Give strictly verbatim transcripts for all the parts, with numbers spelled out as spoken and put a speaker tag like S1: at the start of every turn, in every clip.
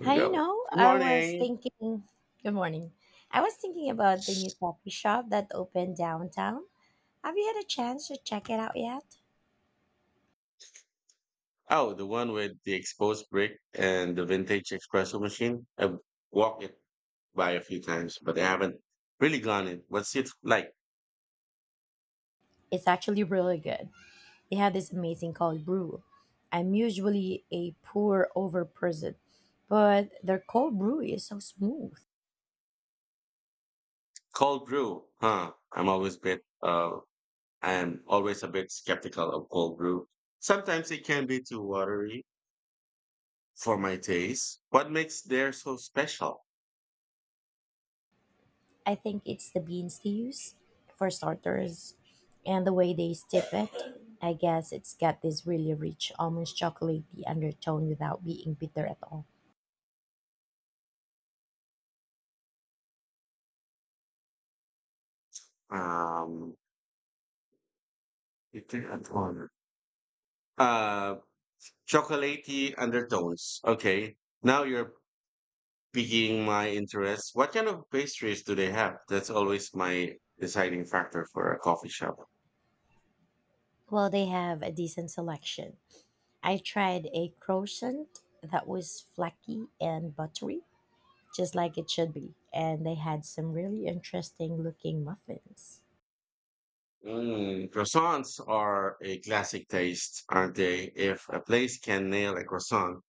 S1: You
S2: Hi, you
S1: go.
S2: know,
S1: Good
S2: I was
S1: morning.
S2: thinking, good morning. I was thinking about the new coffee shop that opened downtown. Have you had a chance to check it out yet?
S1: Oh, the one with the exposed brick and the vintage espresso machine. I've walked it by a few times, but I haven't really gone in. What's it like?
S2: It's actually really good. They have this amazing cold brew. I'm usually a pour over person, but their cold brew is so smooth.
S1: Cold brew, huh? I'm always bit. Uh, I'm always a bit skeptical of cold brew. Sometimes it can be too watery for my taste. What makes theirs so special?
S2: I think it's the beans they use, for starters, and the way they steep it. I guess it's got this really rich almost chocolatey undertone without being bitter at all.
S1: Um, you think I'm on. Uh, Chocolatey undertones. Okay, now you're Speaking my interest, what kind of pastries do they have? That's always my deciding factor for a coffee shop.
S2: Well, they have a decent selection. I tried a croissant that was flaky and buttery, just like it should be, and they had some really interesting looking muffins.
S1: Mm, croissants are a classic taste, aren't they? If a place can nail a croissant,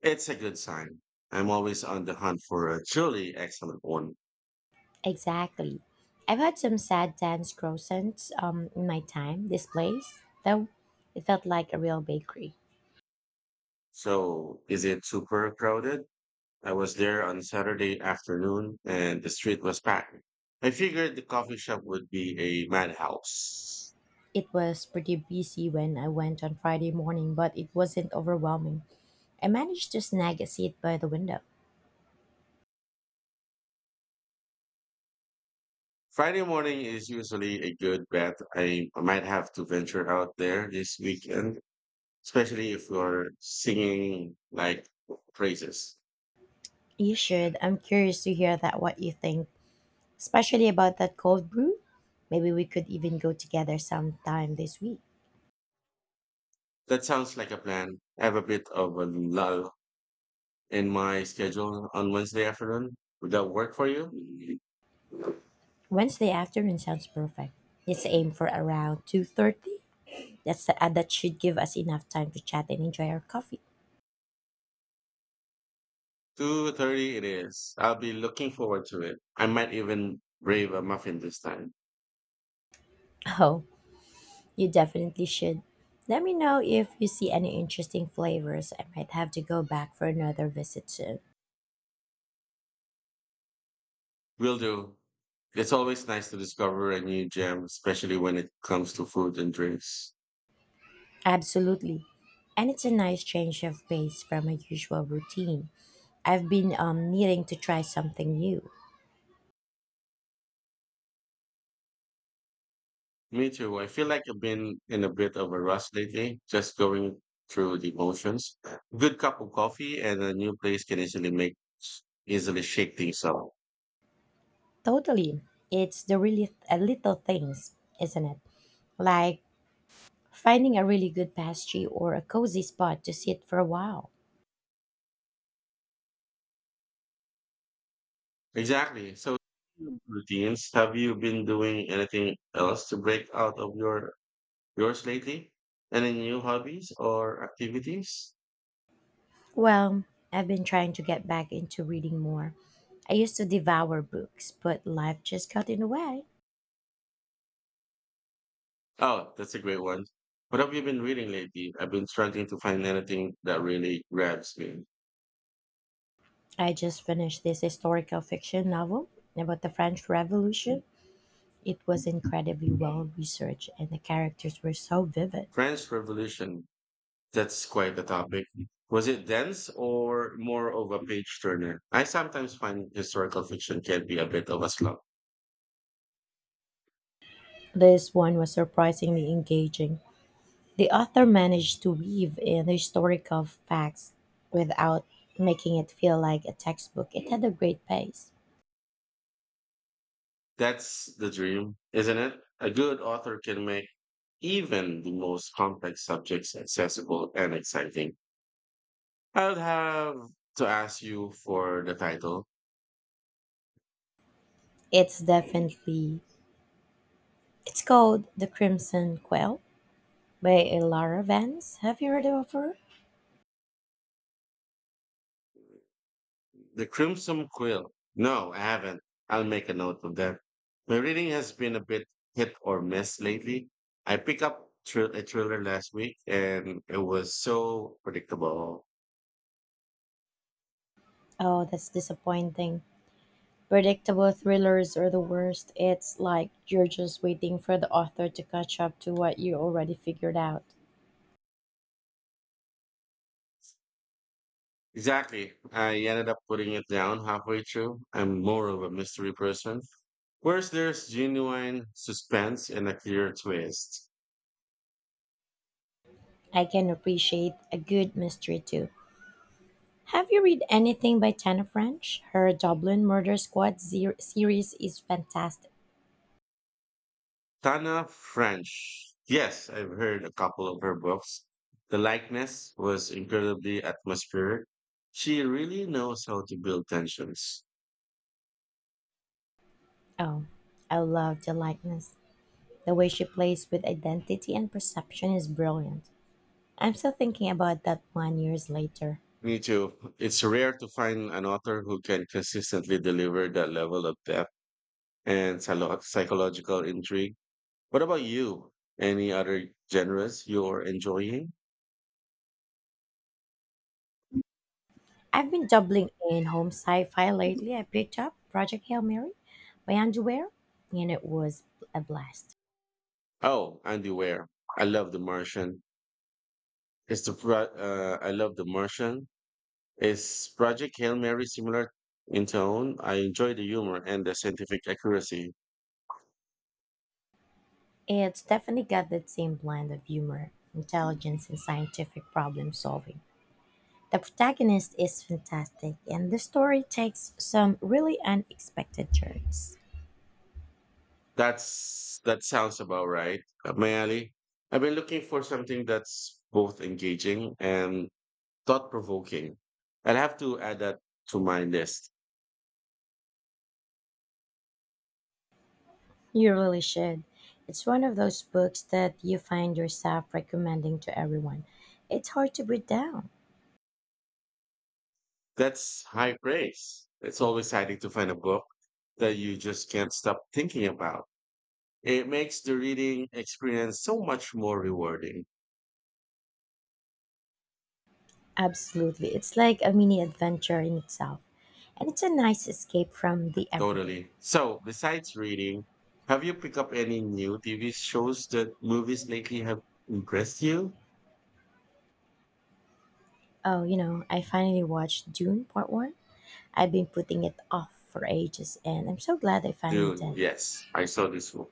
S1: it's a good sign. I'm always on the hunt for a truly excellent one.
S2: Exactly. I've had some sad dance croissants um, in my time, this place, though it felt like a real bakery.
S1: So, is it super crowded? I was there on Saturday afternoon and the street was packed. I figured the coffee shop would be a madhouse.
S2: It was pretty busy when I went on Friday morning, but it wasn't overwhelming. I managed to snag a seat by the window.
S1: Friday morning is usually a good bet. I might have to venture out there this weekend, especially if you're singing like praises.
S2: You should. I'm curious to hear that what you think especially about that cold brew. Maybe we could even go together sometime this week.
S1: That sounds like a plan. I have a bit of a lull in my schedule on Wednesday afternoon. Would that work for you?
S2: Wednesday afternoon sounds perfect. Let's aim for around two thirty. That's, uh, that should give us enough time to chat and enjoy our coffee.
S1: two thirty it is. I'll be looking forward to it. I might even brave a muffin this time.
S2: Oh, you definitely should. Let me know if you see any interesting flavors. I might have to go back for another visit soon.
S1: Will do. It's always nice to discover a new gem, especially when it comes to food and drinks.
S2: Absolutely. And it's a nice change of pace from my usual routine. I've been um, needing to try something new.
S1: Me too. I feel like I've been in a bit of a rush lately, just going through the motions. Good cup of coffee and a new place can easily make easily shake things up.
S2: Totally. It's the really uh, little things, isn't it? Like finding a really good pastry or a cozy spot to sit for a while.
S1: Exactly. So routines. Have you been doing anything else to break out of your yours lately? Any new hobbies or activities?
S2: Well, I've been trying to get back into reading more. I used to devour books, but life just got in the way.
S1: Oh, that's a great one. What have you been reading lately? I've been struggling to find anything that really grabs me.
S2: I just finished this historical fiction novel about the French Revolution. It was incredibly well researched and the characters were so vivid.
S1: French Revolution. That's quite the topic. Was it dense or more of a page turner? I sometimes find historical fiction can be a bit of a slump.
S2: This one was surprisingly engaging. The author managed to weave in historical facts without making it feel like a textbook. It had a great pace.
S1: That's the dream, isn't it? A good author can make even the most complex subjects accessible and exciting. I'll have to ask you for the title.
S2: It's definitely it's called The Crimson Quail by Ilara Vance. Have you heard of her?
S1: The Crimson Quill. No, I haven't. I'll make a note of that. My reading has been a bit hit or miss lately. I picked up thr- a thriller last week and it was so predictable.
S2: Oh, that's disappointing. Predictable thrillers are the worst. It's like you're just waiting for the author to catch up to what you already figured out.
S1: Exactly. I ended up putting it down halfway through. I'm more of a mystery person. Whereas there's genuine suspense and a clear twist.
S2: I can appreciate a good mystery too. Have you read anything by Tana French? Her Dublin Murder Squad zer- series is fantastic.
S1: Tana French. Yes, I've heard a couple of her books. The likeness was incredibly atmospheric. She really knows how to build tensions.
S2: Oh, I love the likeness. The way she plays with identity and perception is brilliant. I'm still thinking about that one years later.
S1: Me too. It's rare to find an author who can consistently deliver that level of depth and psylo- psychological intrigue. What about you? Any other genres you're enjoying?
S2: I've been doubling in home sci-fi lately. I picked up Project Hail Mary by Andrew Ware, and it was a blast.
S1: Oh, Andy Weir. I love The Martian. It's the pro- uh, I love The Martian. Is Project Hail Mary similar in tone? I enjoy the humor and the scientific accuracy.
S2: It's definitely got that same blend of humor, intelligence, and scientific problem solving. The protagonist is fantastic, and the story takes some really unexpected turns.
S1: That's that sounds about right. Up my alley. I've been looking for something that's both engaging and thought provoking. I'll have to add that to my list.
S2: You really should. It's one of those books that you find yourself recommending to everyone. It's hard to put down.
S1: That's high praise. It's always exciting to find a book that you just can't stop thinking about. It makes the reading experience so much more rewarding.
S2: Absolutely. It's like a mini adventure in itself. And it's a nice escape from the everyday.
S1: Totally. So, besides reading, have you picked up any new T V shows that movies lately have impressed you?
S2: Oh, you know, I finally watched Dune Part one. I've been putting it off for ages, and I'm so glad I finally
S1: Dude,
S2: did.
S1: yes, I saw this one.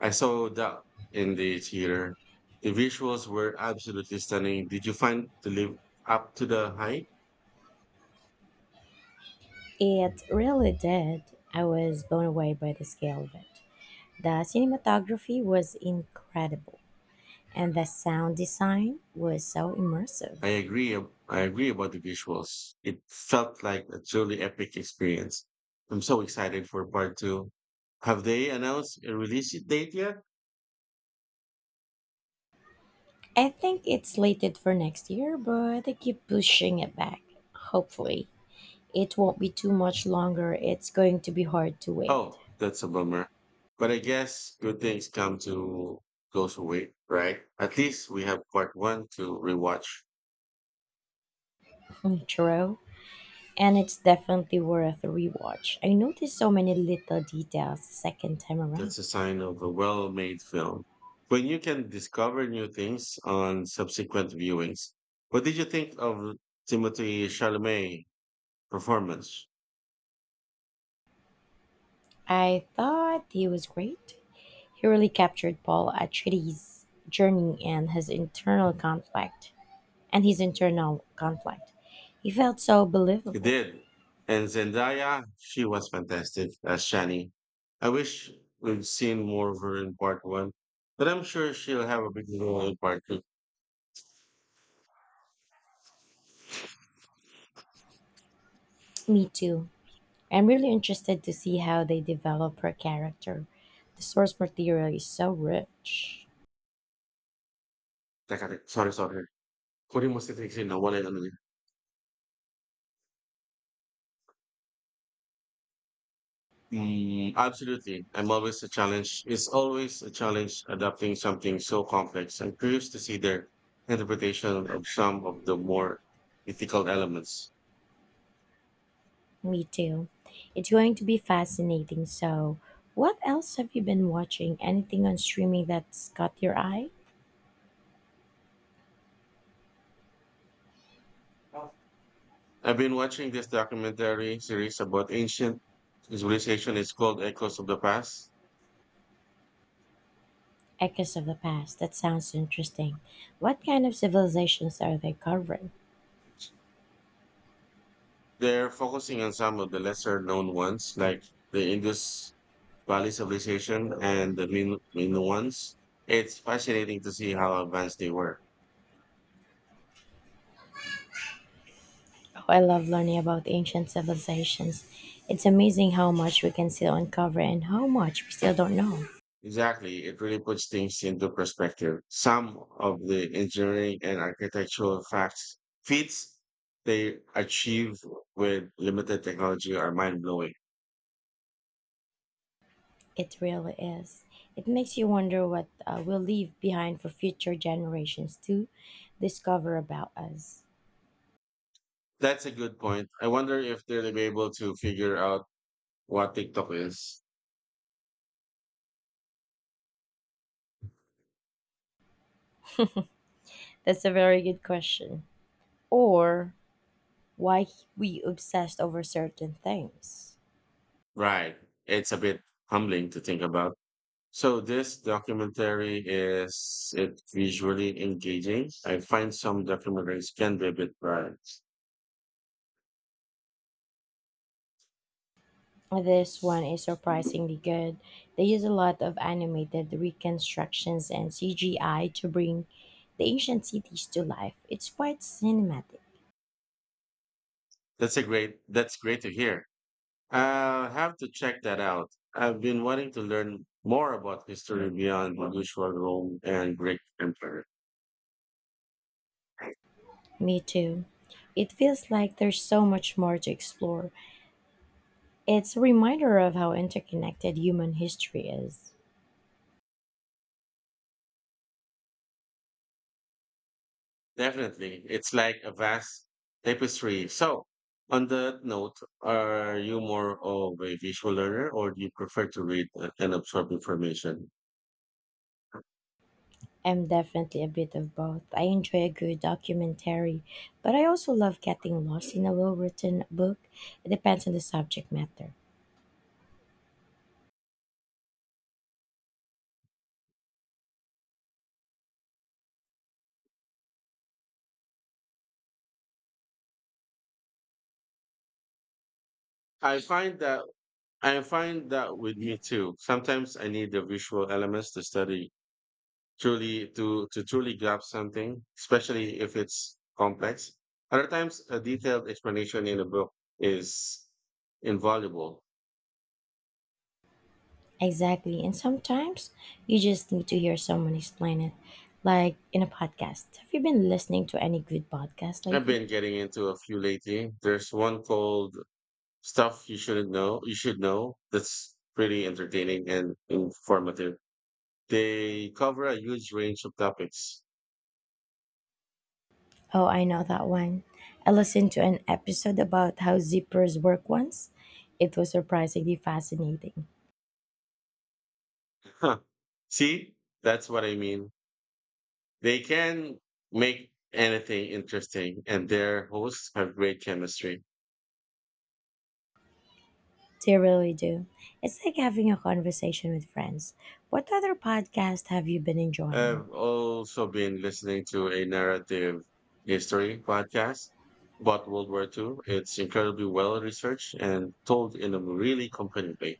S1: I saw that in the theater. The visuals were absolutely stunning. Did you find to live up to the hype?
S2: It really did. I was blown away by the scale of it. The cinematography was incredible, and the sound design was so immersive.
S1: I agree. ab- I agree about the visuals. It felt like a truly epic experience. I'm so excited for part two. Have they announced a release date yet?
S2: I think it's slated for next year, but they keep pushing it back. Hopefully, it won't be too much longer. It's going to be hard to wait.
S1: Oh, that's a bummer. But I guess good things come to goes away, right? At least we have part one to rewatch.
S2: True. And it's definitely worth a rewatch. I noticed so many little details the second time around.
S1: That's a sign of a well-made film. When you can discover new things on subsequent viewings. What did you think of Timothy Chalamet performance?
S2: I thought he was great. He really captured Paul Atreides' journey and his internal conflict. And his internal conflict. He felt so
S1: It
S2: believable.
S1: did. And Zendaya, she was fantastic as Shani. I wish we'd seen more of her in part one, but I'm sure she'll have a big role in part two.
S2: Me too. I'm really interested to see how they develop her character. The source material is so rich.
S1: Teka, teka, sorry, sorry. Huli mo si Trixie na wala na naman. Mm, absolutely. I'm always a challenge. It's always a challenge adapting something so complex. I'm curious to see their interpretation of some of the more ethical elements.
S2: Me too. It's going to be fascinating. So, what else have you been watching? Anything on streaming that's caught your eye?
S1: I've been watching this documentary series about ancient civilization. It's called Echoes of the Past.
S2: Echoes of the past. That sounds interesting. What kind of civilizations are they covering?
S1: They're focusing on some of the lesser known ones, like the Indus Valley civilization and the Min- Minoans. It's fascinating to see how advanced they were.
S2: Oh, I love learning about ancient civilizations. It's amazing how much we can still uncover and how much we still don't know.
S1: Exactly, it really puts things into perspective. Some of the engineering and architectural facts feats they achieve with limited technology are mind blowing.
S2: It really is. It makes you wonder what uh, we'll leave behind for future generations to discover about us.
S1: That's a good point. I wonder if they'll be able to figure out what TikTok is.
S2: That's a very good question. Or why we obsessed over certain things.
S1: Right. It's a bit humbling to think about. So this documentary, is it visually engaging? I find some documentaries can be a bit dry.
S2: This one is surprisingly good. They use a lot of animated reconstructions and C G I to bring the ancient cities to life. It's quite cinematic.
S1: That's a great that's great to hear. I'll have to check that out. I've been wanting to learn more about history beyond the usual Rome and Greek Empire.
S2: Me too. It feels like there's so much more to explore. It's a reminder of how interconnected human history is.
S1: Definitely. It's like a vast tapestry. So, on that note, are you more of a visual learner or do you prefer to read uh, and absorb information?
S2: I'm definitely a bit of both. I enjoy a good documentary, but I also love getting lost in a well written book. It depends on the subject matter.
S1: I find that I find that with me too. Sometimes I need the visual elements to study truly to to truly grasp something, especially if it's complex. Other times, a detailed explanation in a book is invaluable.
S2: Exactly. And sometimes you just need to hear someone explain it, like in a podcast. Have you been listening to any good podcast
S1: I've
S2: lately?
S1: been getting into a few lately. There's one called "Stuff You Shouldn't Know." You should know. That's pretty entertaining and informative. They cover a huge range of topics.
S2: Oh, I know that one. I listened to an episode about how zippers work once. It was surprisingly fascinating.
S1: Huh. See, that's what I mean. They can make anything interesting, and their hosts have great chemistry.
S2: They really do. It's like having a conversation with friends. What other podcast have you been enjoying?
S1: I've also been listening to a narrative history podcast about World War two. It's incredibly well researched and told in a really compelling way.